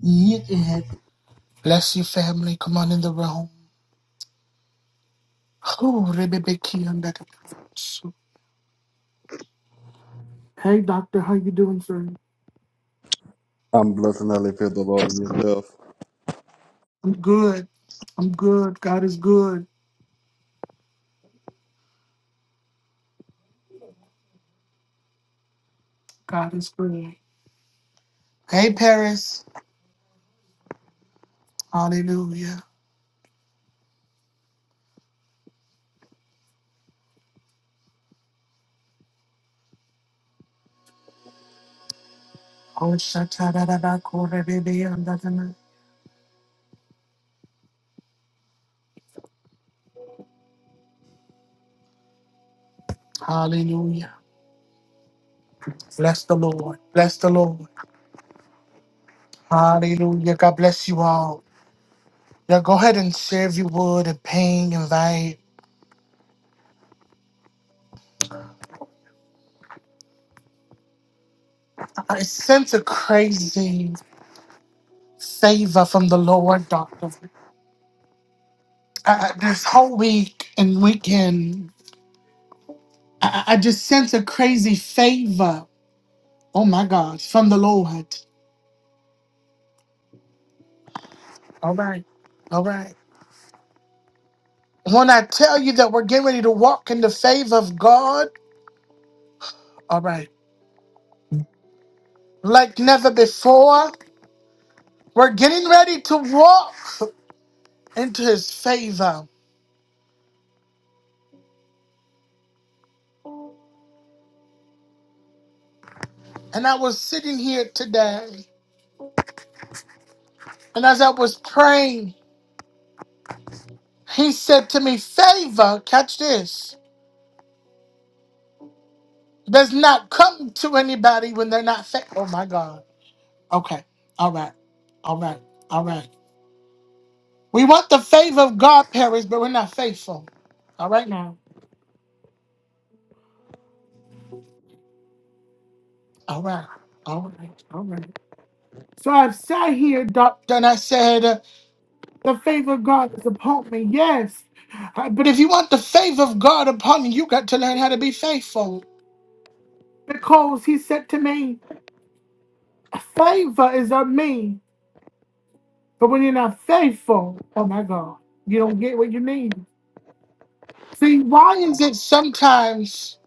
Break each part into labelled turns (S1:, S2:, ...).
S1: You did. Bless you, family. Come on in the room. Oh, Rebebeki and that. Hey, doctor, how you doing, sir?
S2: I'm blessed and highly the Lord all yourself.
S1: I'm good. I'm good. God is good. God is good. Hey, Paris. Hallelujah. Oh, shatarabako, rebebe, and and that. Hallelujah. Bless the Lord. Bless the Lord. Hallelujah. God bless you all. Yeah, go ahead and share if you would and ping, invite. I sense a crazy. favor from the Lord, Doctor. Uh, this whole week and weekend, I, I I just sense a crazy favor. Oh my God, from the Lord. All right, all right. When I tell you that we're getting ready to walk in the favor of God, all right, like never before, we're getting ready to walk into His favor. And I was sitting here today, and as I was praying, He said to me, Favor, catch this. does not come to anybody when they're not fa- oh my god okay all right all right all right we want the favor of god Paris, but we're not faithful all right now all right all right all right so i've sat here doctor and i said uh, the favor of god is upon me yes Uh, but if you want the favor of god upon you you got to learn how to be faithful because he said to me favor is of me but when you're not faithful oh my god you don't get what you need See, why is it sometimes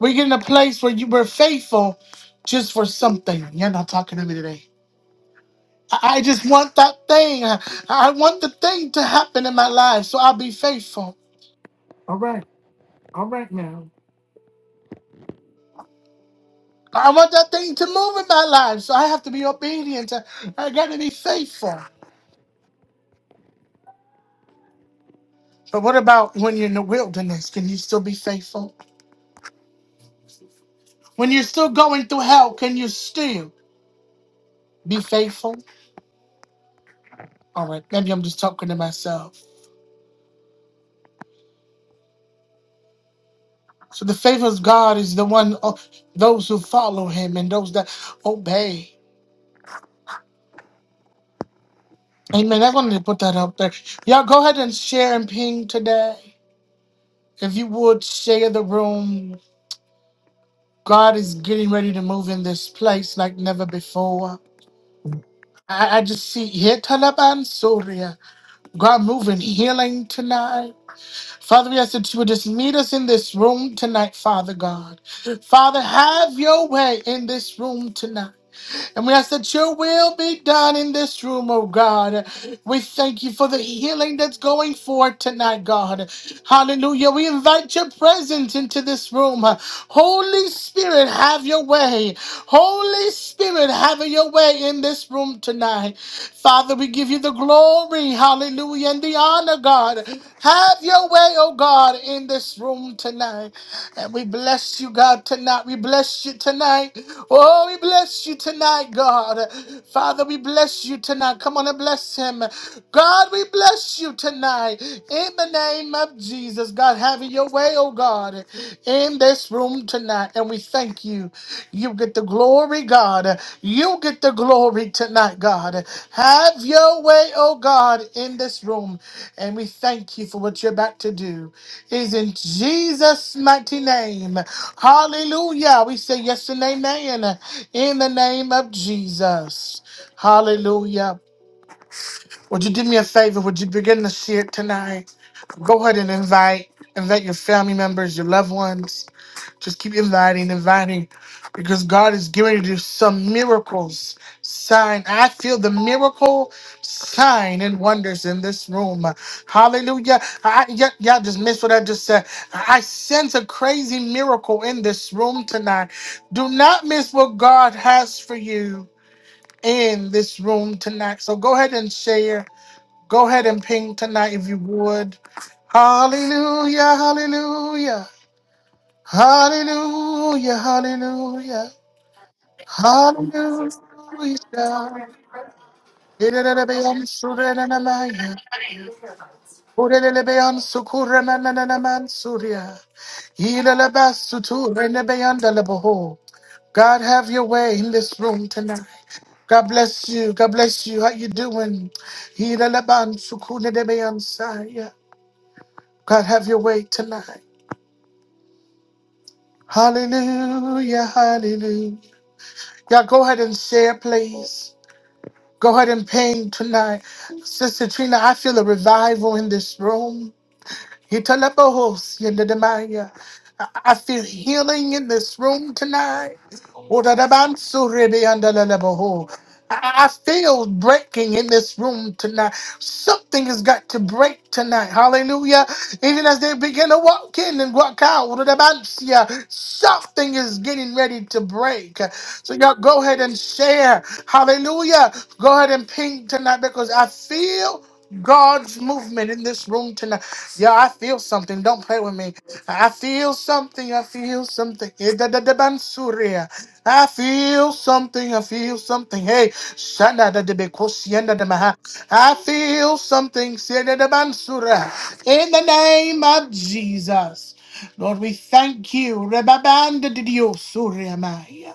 S1: we get in a place where you were faithful just for something? You're not talking to me today. I I just want that thing. I I want the thing to happen in my life, so I'll be faithful. All right, all right now. I want that thing to move in my life, so I have to be obedient. I, I got to be faithful. But what about when you're in the wilderness? Can you still be faithful? When you're still going through hell, can you still be faithful? All right, maybe I'm just talking to myself. So the favor of God is the one oh, those who follow Him and those that obey. Amen. I wanted to put that out there. Y'all go ahead and share and ping today. If you would share the room, God is getting ready to move in this place like never before. I, I just see here Talaban Surya. God moving healing tonight. Father, we ask that you would just meet us in this room tonight, Father God. Father, have your way in this room tonight. And we ask that your will be done in this room, oh God. We thank you for the healing that's going forth tonight, God. Hallelujah. We invite your presence into this room. Holy Spirit, have your way. Holy Spirit, have your way in this room tonight. Father, we give you the glory, hallelujah, and the honor, God. Have your way, oh God, in this room tonight. And we bless you, God, tonight. We bless you tonight. Oh, we bless you tonight, God. Father, we bless you tonight. Come on and bless him. God, we bless you tonight. In the name of Jesus, God, have it your way, oh God, in this room tonight. And we thank you. You get the glory, God. You get the glory tonight, God. Have your way, oh God, in this room. And we thank you for what you're about to do is in Jesus' mighty name. Hallelujah. We say yes and amen in the name of Jesus. Hallelujah. Would you do me a favor? Would you begin to share it tonight? Go ahead and invite invite your family members, your loved ones. Just keep inviting, inviting, because God is getting to do some miracles. Sign. I feel the miracle sign and wonders in this room. Hallelujah. I, y- y'all just missed what I just said. I sense a crazy miracle in this room tonight. Do not miss what God has for you in this room tonight. So go ahead and share. Go ahead and ping tonight if you would. Hallelujah. Hallelujah. Hallelujah, hallelujah,
S3: Zero. Twelve
S1: hallelujah.
S3: grams of protein. one life.
S1: Irelebeyam surenanamaya.
S3: Two terabytes.
S1: Urelelebeyan sukuremananaman surya. Ilelebasuturenebeyandelebeho. God, have your way in this room tonight. God bless you. God bless you. How you doing? Ileleban sukunedebeyansaya. God, have your way tonight. Hallelujah, hallelujah. Y'all go ahead and share, please. Go ahead and paint tonight. Sister Trina, I feel a revival in this room. Hitalabos, Yendemaya. I I feel healing in this room tonight. Oradabansu rebe andalabaho. I I feel breaking in this room tonight. Something has got to break tonight. Hallelujah. Even as they begin to walk in and walk out, oradabansia, something is getting ready to break. So, y'all go ahead and share. Hallelujah. Go ahead and ping tonight because I feel God's movement in this room tonight. Yeah, I feel something. Don't play with me. I feel something. I feel something. Eh, da, da, da, bansuria. I feel something. I feel something. Hey, shana da de bekosienda de maha. I feel something. Seda da bansura. In the name of Jesus. Lord, we thank you. Rebabanda de Dios, suria maya.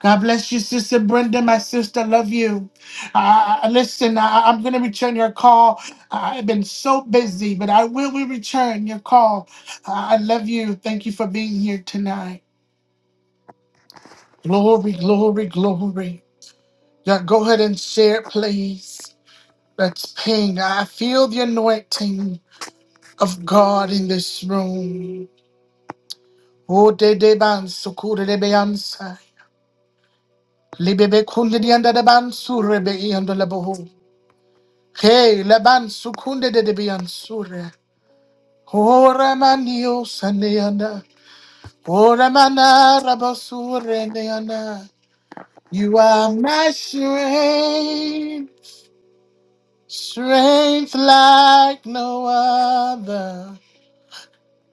S1: God bless you, Sister Brenda, my sister. Love you. Uh, listen, I, I'm going to return your call. I've been so busy, but I will re- return your call. Uh, I love you. Thank you for being here tonight. Glory, glory, glory. Yeah, go ahead and share, please. Let's ping. I feel the anointing of God in this room. Oh, de de ban sukure de beyansa. Libebe kunde di anda de ban surebe i ando lebo. Hey, Laban sukunde de debian sure. Ora manio saneana. Ora mana rabasure neana. You are my strength, strength like no other,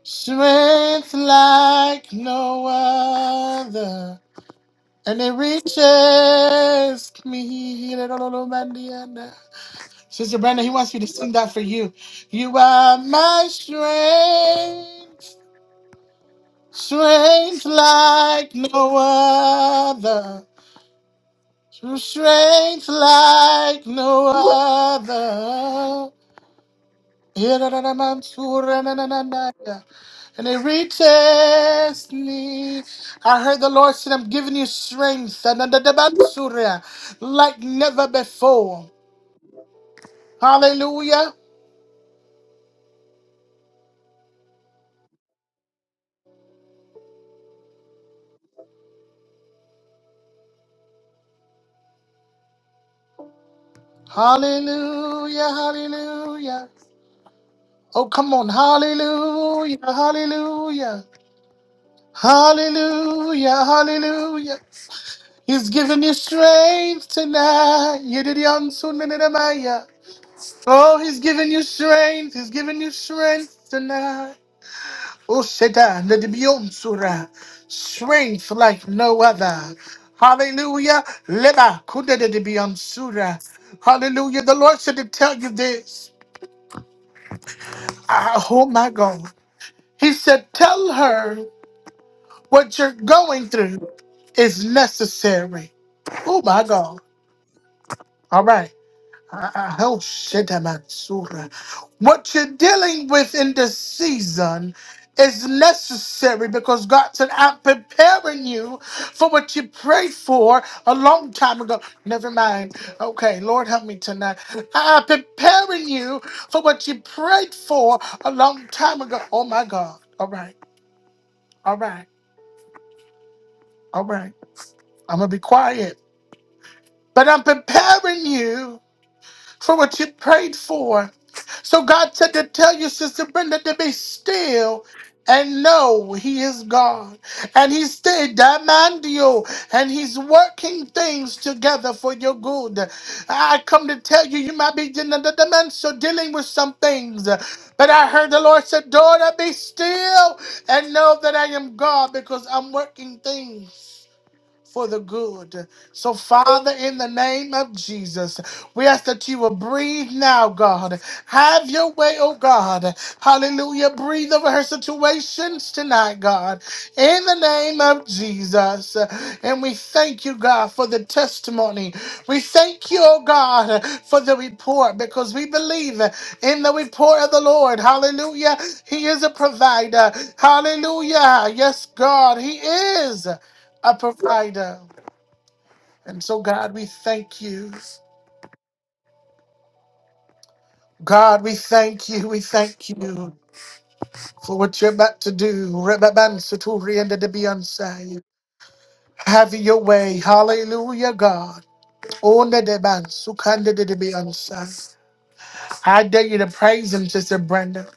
S1: strength like no other, and it reaches me. Sister Brenda, he wants you to sing that for you. You are my strength, strength like no other. True strength like no other. And it reaches me. I heard the Lord said, I'm giving you strength like never before. Hallelujah. Hallelujah. Hallelujah. Oh, come on. Hallelujah. Hallelujah. Hallelujah. Hallelujah. He's giving you strength tonight. Yididiyansunenenamaya. Oh, he's giving you strength. He's giving you strength tonight. Oh, Sheda, Nedibiyonsura. Strength like no other. Hallelujah. Leba, kudededibiyonsura. Hallelujah. The Lord said to tell you this. Ah, oh, my God. He said, Tell her. What you're going through is necessary. Oh my God. All right. I- I- oh, shit, I'm out of surah. What you're dealing with in this season is necessary because God said, I'm preparing you for what you prayed for a long time ago. Never mind. Okay, Lord, help me tonight. I'm preparing you for what you prayed for a long time ago. Oh my God. All right. All right. All right. I'm going to be quiet But I'm preparing you for what you prayed for. So God said to tell you, Sister Brenda, to be still and know He is God. And He's said, Diamandio, and He's working things together for your good. I come to tell you, you might be in another dimension dealing with some things. But I heard the Lord said, Daughter, be still and know that I am God because I'm working things for the good. So, Father, in the name of Jesus, we ask that you will breathe now, God. Have your way, oh God. Hallelujah. Breathe over her situations tonight, God. In the name of Jesus. And we thank you, God, for the testimony. We thank you, oh God, for the report because we believe in the report of the Lord. Hallelujah. He is a provider. Hallelujah. Yes, God, He is a provider. And so, God, we thank you. God, we thank you. We thank you for what you're about to do. Rebabansaturi and the Beyonce. Have your way. Hallelujah, God. Onda de bansukanda de Beyonce. I dare you to praise him, Sister Brenda.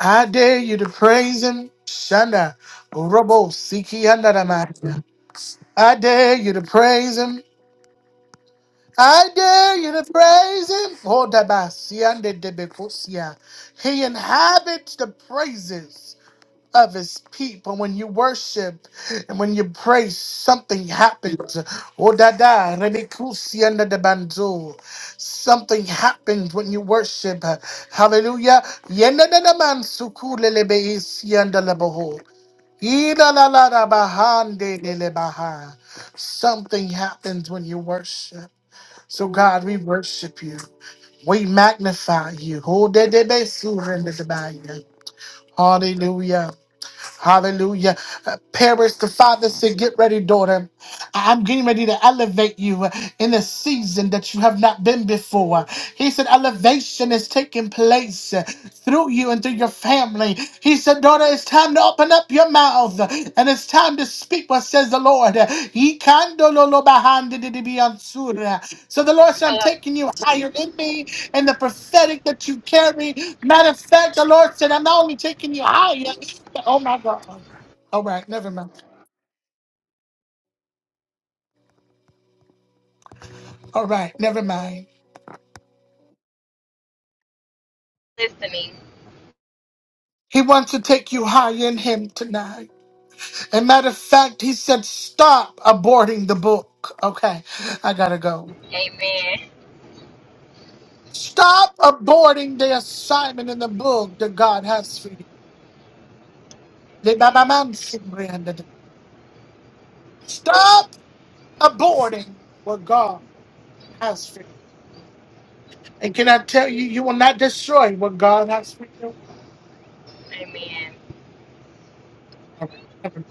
S1: I dare you to praise him. Shanda. Robo Siki and I dare you to praise him. I dare you to praise him. Oh, da ba si an de de si He inhabits the praises of his people. When you worship and when you praise, something happens. Oh, da da, re be ko si Something happens when you worship. Hallelujah. Yen de de de man su ku le le be i si la la da ba de de Something happens when you worship. So, God, we worship you. We magnify you. Who did they be surrendered by you? Hallelujah. Hallelujah. Uh, Paris, the father said, Get ready, daughter. I- I'm getting ready to elevate you in a season that you have not been before. He said, Elevation is taking place uh, through you and through your family. He said, Daughter, it's time to open up your mouth uh, and it's time to speak what says the Lord. He can do lo lo behind it, it be answered. So the Lord said, I'm
S4: up
S1: taking you higher in me and the prophetic that you carry. Matter of fact, the Lord said, I'm not only taking you higher, oh my God. All right, never mind. All right, never mind.
S4: listening.
S1: He wants to take you higher in him tonight. And matter of fact, he said, stop aborting the book. Okay, I gotta go.
S4: Amen.
S1: Stop aborting the assignment in the book that God has for you. Stop aborting what God has for you. And can I tell you, you will not destroy what God has for you?
S4: Amen.
S1: All right. never mind.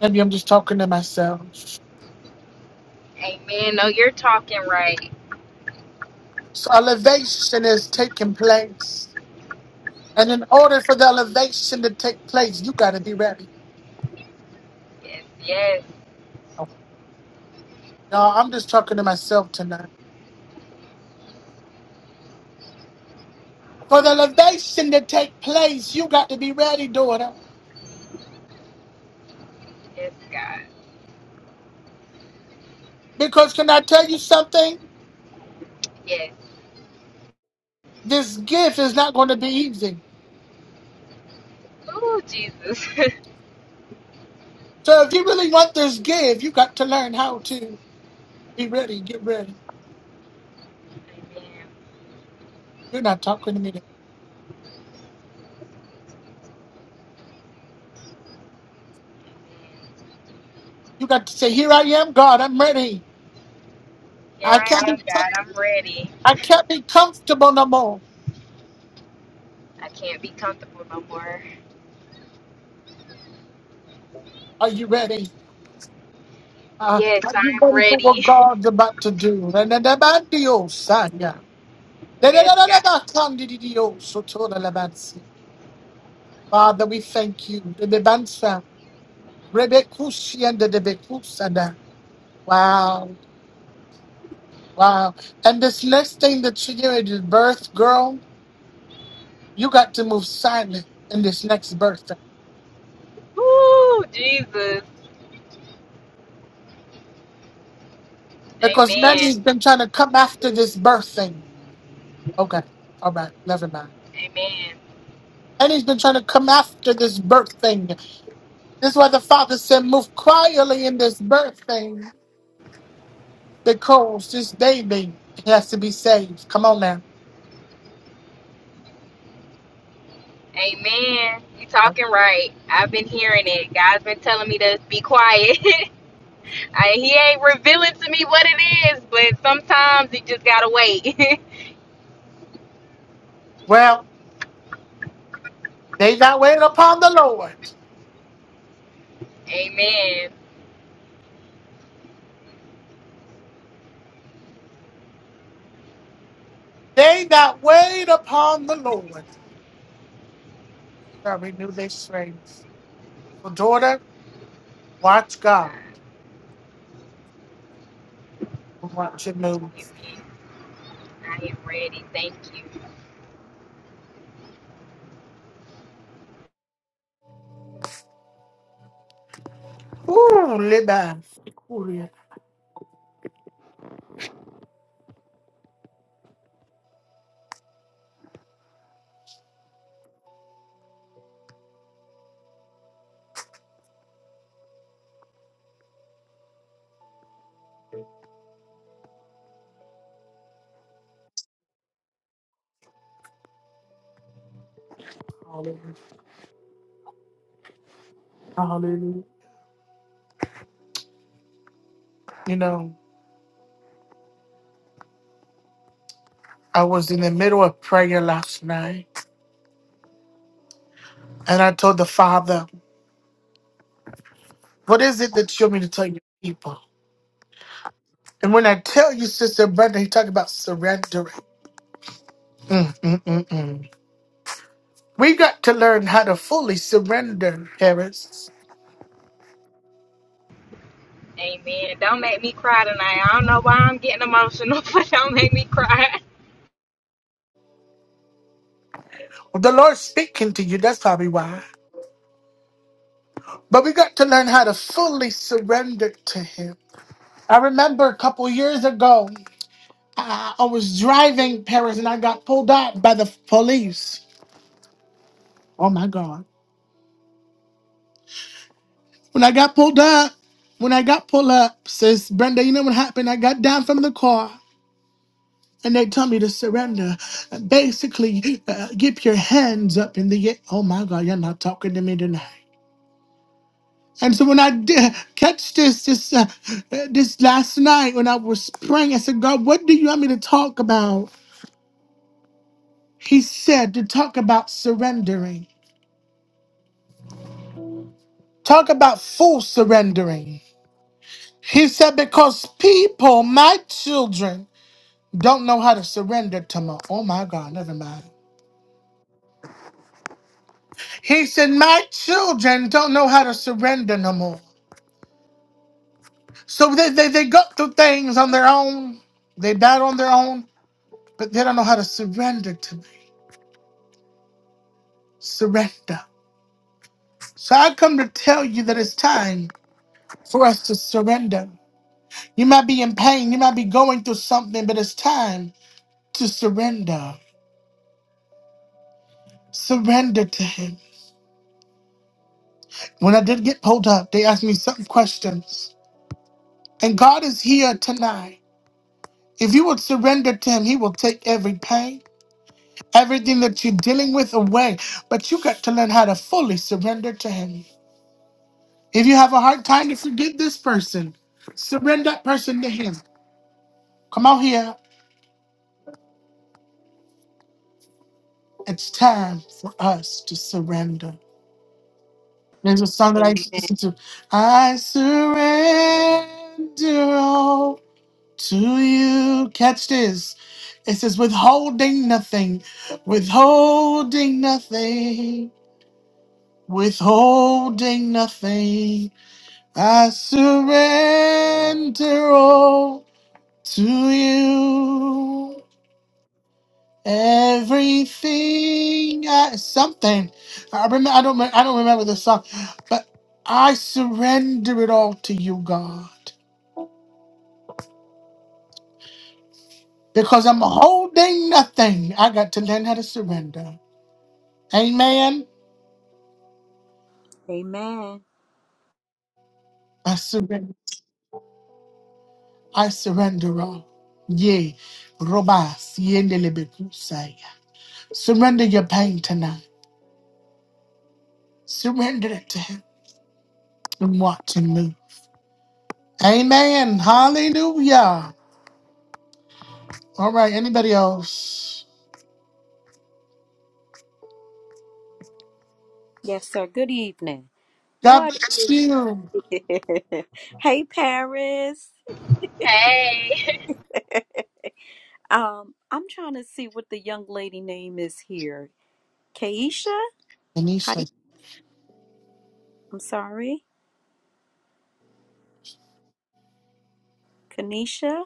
S1: Maybe I'm just talking to myself.
S4: Amen. No, you're talking right.
S1: So elevation is taking place. And in order for the elevation to take place, you got to be ready.
S4: Yes, yes,
S1: Oh, Y'all, I'm just talking to myself tonight. For the
S4: man.
S1: elevation to take place, you got to be ready, daughter.
S4: Yes, God.
S1: Because can I tell you something?
S4: Yes.
S1: This gift is not going to be easy.
S4: Ooh, Jesus.
S1: So if you really want this gift, you got to learn how to be ready. Get ready.
S4: Amen.
S1: You're not talking to me. You got to say, Here I am, God, I'm ready. I
S4: Here I
S1: can't be
S4: am,
S1: com-
S4: God. I'm ready.
S1: I can't be comfortable no more.
S4: I can't be comfortable no more.
S1: Are you ready? Uh,
S4: Yes,
S1: are you
S4: I'm
S1: ready for what
S4: ready.
S1: God's about to do? Father,
S4: Yes, God.
S1: we thank you. Wow. Wow. And this next thing that you hear is birth, girl, you got to move silent in this next birth.
S4: Ooh, Jesus.
S1: Because
S4: Amen.
S1: Nanny's been trying to come after this birth thing. Okay. All right. Never mind.
S4: Amen.
S1: Nanny's been trying to come after this birth thing. This is why the father said, move quietly in this birth thing because this baby has to be saved. Come on now.
S4: Amen. You talking right. I've been hearing it. God's been telling me to be quiet. I, he ain't revealing to me what it is, but sometimes you just gotta wait.
S1: Well, they that wait upon the Lord.
S4: Amen.
S1: They that wait upon the Lord shall renew their strength. So, daughter, watch God
S4: Uh,
S1: and watch your
S4: If
S1: moves.
S4: you, I am ready. Thank you.
S1: Ooh, live by. Hallelujah. Hallelujah. You know, I was in the middle of prayer last night and I told the Father, What is it that you want me to tell your people? And when I tell you, Sister Brenda, he talked about surrendering. Mm, mm, mm, mm. We got to learn how to fully surrender, Harris.
S4: Amen. Don't make me cry tonight. I don't know why I'm getting emotional, but don't make me cry.
S1: The Lord's speaking to you, that's probably why. But we got to learn how to fully surrender to Him. I remember a couple years ago, I I was driving Paris and I got pulled out by the police. Oh my God. When I got pulled up, when I got pulled up, says Brenda, you know what happened? I got down from the car and they told me to surrender. Basically, uh, get your hands up in the air. Oh my God, you're not talking to me tonight. And so when I did catch this this uh, uh, this last night when I was praying, I said, God, what do you want me to talk about? He said to talk about surrendering. Talk about full surrendering. He said, because people, my children, don't know how to surrender to my oh my god never mind he said my children don't know how to surrender no more so they, they, they go through things on their own they battle on their own but they don't know how to surrender to me surrender so i come to tell you that it's time for us to surrender you might be in pain you might be going through something but it's time to surrender surrender to him when i did get pulled up they asked me some questions and god is here tonight If you would surrender to Him, He will take every pain, everything that you're dealing with away. But you got to learn how to fully surrender to Him. If you have a hard time to forgive this person, surrender that person to Him. Come out here. It's time for us to surrender. There's a song that I used to
S5: Amen.
S1: listen to. I surrender all to you. Catch this. It says, withholding nothing, withholding nothing. withholding nothing. I surrender all to you. Everything, I, something. I remember. I don't. me- I don't remember the song, but I surrender it all to you, God, because I'm holding nothing. I got to learn how to surrender. Amen.
S5: Amen.
S1: I surrender. I surrender all. Yea, robas yendelebe Surrender your pain tonight. Surrender it to Him and watch Him move. Amen. Hallelujah. All right. Anybody else?
S5: Yes, sir. Good evening.
S1: God
S5: What
S1: bless
S5: is
S1: you.
S5: it? Hey Paris.
S4: Hey,
S5: Um, I'm trying to see what the young lady name is here. Kaisha? Kai-
S1: Anisha.
S5: I'm sorry. Kanisha?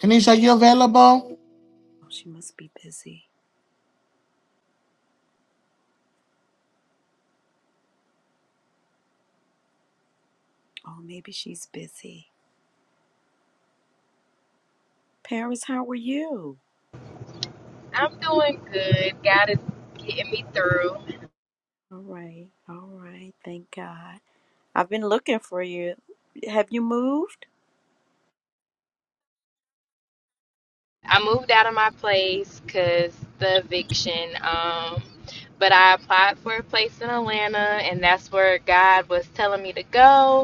S1: Anisha, you available?
S5: Oh, she must be busy. Oh, maybe she's busy. Paris, how are you?
S4: I'm doing good. God is getting me through.
S5: All right. All right. Thank God. I've been looking for you. Have you moved?
S4: I moved out of my place because the eviction. Um, but I applied for a place in Atlanta, and that's where God was telling me to go.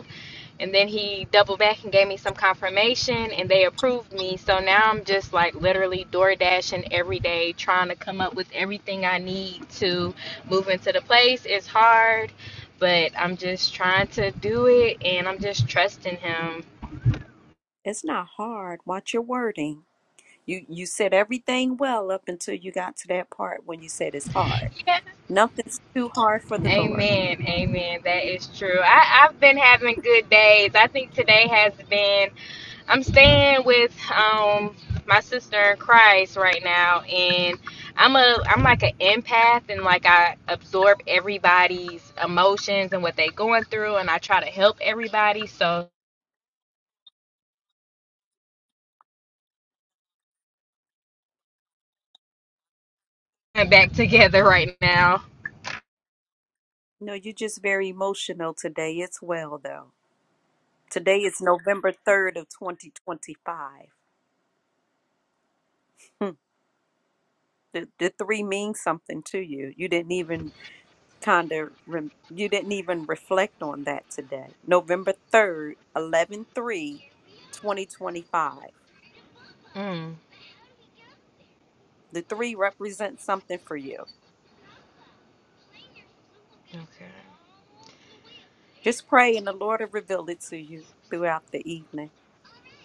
S4: And then he doubled back and gave me some confirmation, and they approved me. So now I'm just like literally door dashing every day, trying to come up with everything I need to move into the place. It's hard, but I'm just trying to do it, and I'm just trusting him.
S5: It's not hard. Watch your wording. You you said everything well up until you got to that part when you said it's hard.
S4: Yeah.
S5: Nothing's too hard for the Lord.
S4: Amen. Amen. That is true. I, I've been having good days. I think today has been. I'm staying with um my sister in Christ right now and I'm a I'm like an empath and like I absorb everybody's emotions and what they going through and I try to help everybody so we're back together right now.
S5: No, you're just very emotional today. It's well though. Today is November 3rd of 2025. Hmm. The, the three means something to you. You didn't even kind of rem- you didn't even reflect on that today. November 3rd, 3, twenty twenty-five.
S4: Mm,
S5: The three represents something for you.
S4: okay.
S5: Just pray and the Lord will reveal it to you throughout the evening.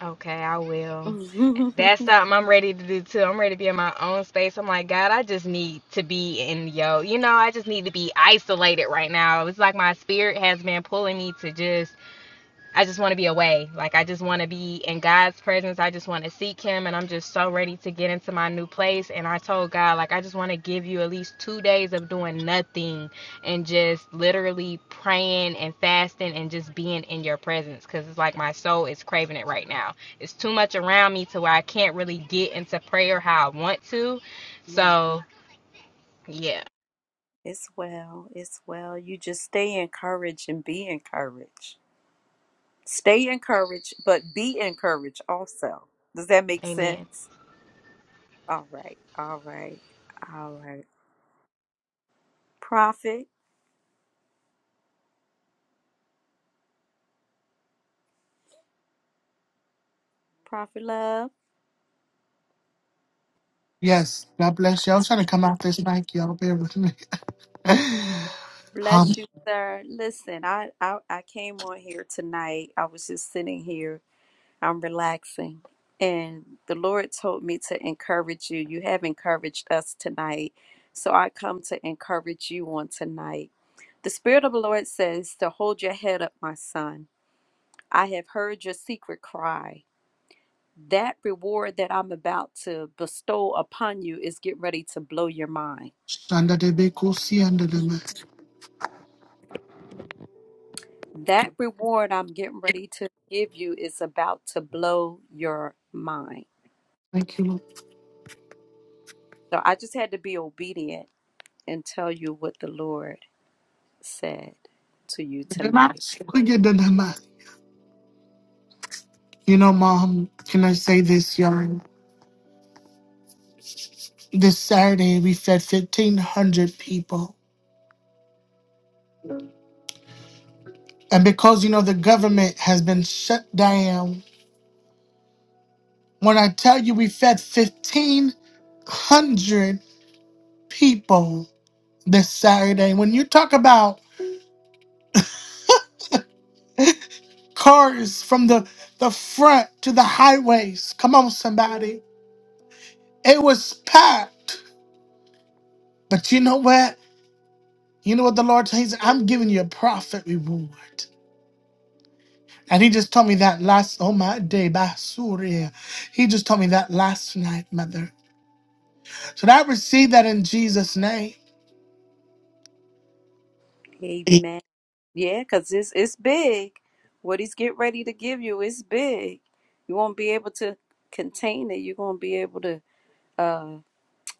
S4: Okay, I will.
S5: right.
S4: That's something I'm ready to do too. I'm ready to be in my own space. I'm like, God, I just need to be in yo, you know, I just need to be isolated right now. It's like my spirit has been pulling me to just I just want to be away. Like I just want to be in God's presence. I just want to seek him and I'm just so ready to get into my new place and I told God like I just want to give you at least 2 days of doing nothing and just literally praying and fasting and just being in your presence cuz it's like my soul is craving it right now. It's too much around me to where I can't really get into prayer how I want to. So, yeah.
S5: It's well. It's well. You just stay encouraged and be encouraged. Stay encouraged, but be encouraged also. Does that make
S4: Amen.
S5: sense? All right. All right. All right. Prophet, Prophet Love,
S1: Yes. God bless you. I was trying to come out this mic. Y'all bear with me. Hum.
S5: bless you, sir. Listen, I, I, I came on here tonight. I was just sitting here I'm relaxing. And the Lord told me to encourage you. You have encouraged us tonight. So I come to encourage you on tonight. The Spirit of the Lord says to hold your head up, my son. I have heard your secret cry. That reward that I'm about to bestow upon you is getting ready to blow your mind.
S1: Shanda de be kusi under the mic.
S5: That reward I'm getting ready to give you is about to blow your mind.
S1: Thank you, Lord.
S5: So I just had to be obedient and tell you what the Lord said to you
S1: The
S5: tonight.
S1: mic. We get the mic. You know, Mom, can I say this, y'all? This Saturday, we fed 1,500 people. And because you know the government has been shut down, when I tell you we fed 1,500 people this Saturday, when you talk about cars from the, the front to the highways, come on, somebody, it was packed. But you know what? You know what the Lord says? I'm giving you a profit reward. And he just told me that last, oh my day, Basuria. He just told me that last night, mother. So that I received that in Jesus' name.
S5: Amen. Yeah, because it's, it's big. What he's getting ready to give you is big. You won't be able to contain it. You're going to be able to uh,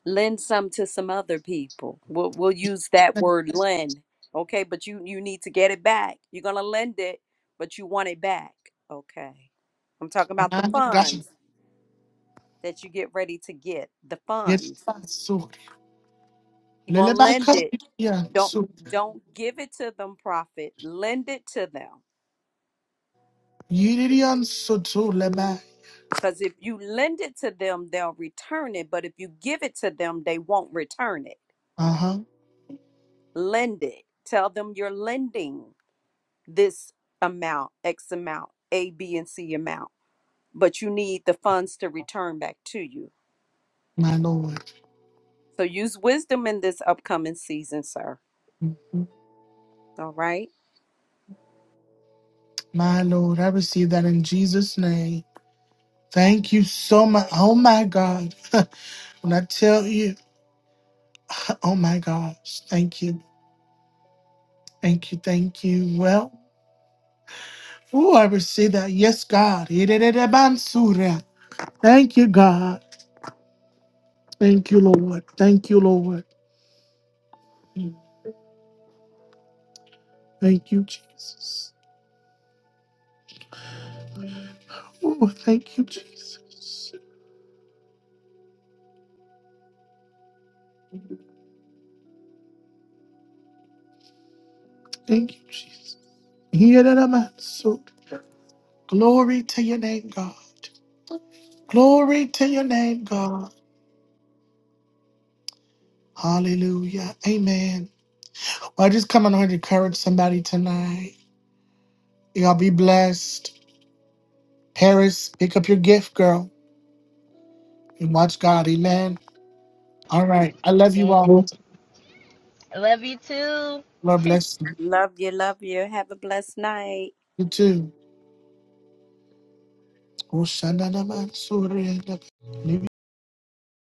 S5: lend some to some other people. We'll, we'll use that
S1: Uh
S5: word lend. Okay, but you, you need to get it back. You're going to lend it, but you want it back. Okay. I'm talking about the funds that you get ready to get, the funds. You're gonna lend it. Don't don't give it to them, prophet. Lend it to them. Because if you lend it to them, they'll return it. But if you give it to them, they won't return it.
S1: huh.
S5: Lend it. Tell them you're lending this amount, X amount, A, B, and C amount. But you need the funds to return back to you.
S1: My Lord.
S5: So use wisdom in this upcoming season, sir. All right.
S1: My Lord. I receive that in Jesus' name. Thank you so much. Oh my God. when I tell you, oh my gosh. Thank you. Thank you. Thank you. Well, oh, I receive that. Yes, God. Thank you, God. Thank you, Lord. Thank you, Lord. Thank you, Jesus. Oh, thank you, Jesus. Thank you, Jesus. Here that I'm at, so Glory to your name, God. Glory to your name, God. Hallelujah. Amen. Well, I just coming on to encourage somebody tonight. Y'all be blessed. Paris, pick up your gift, girl, and watch God. Amen. All right. I love you
S4: Yeah.
S1: all.
S4: Love you too.
S1: Lord bless you.
S5: Love you. Love you. Have a blessed night.
S1: You too. Oh, Shanda Naman Surya.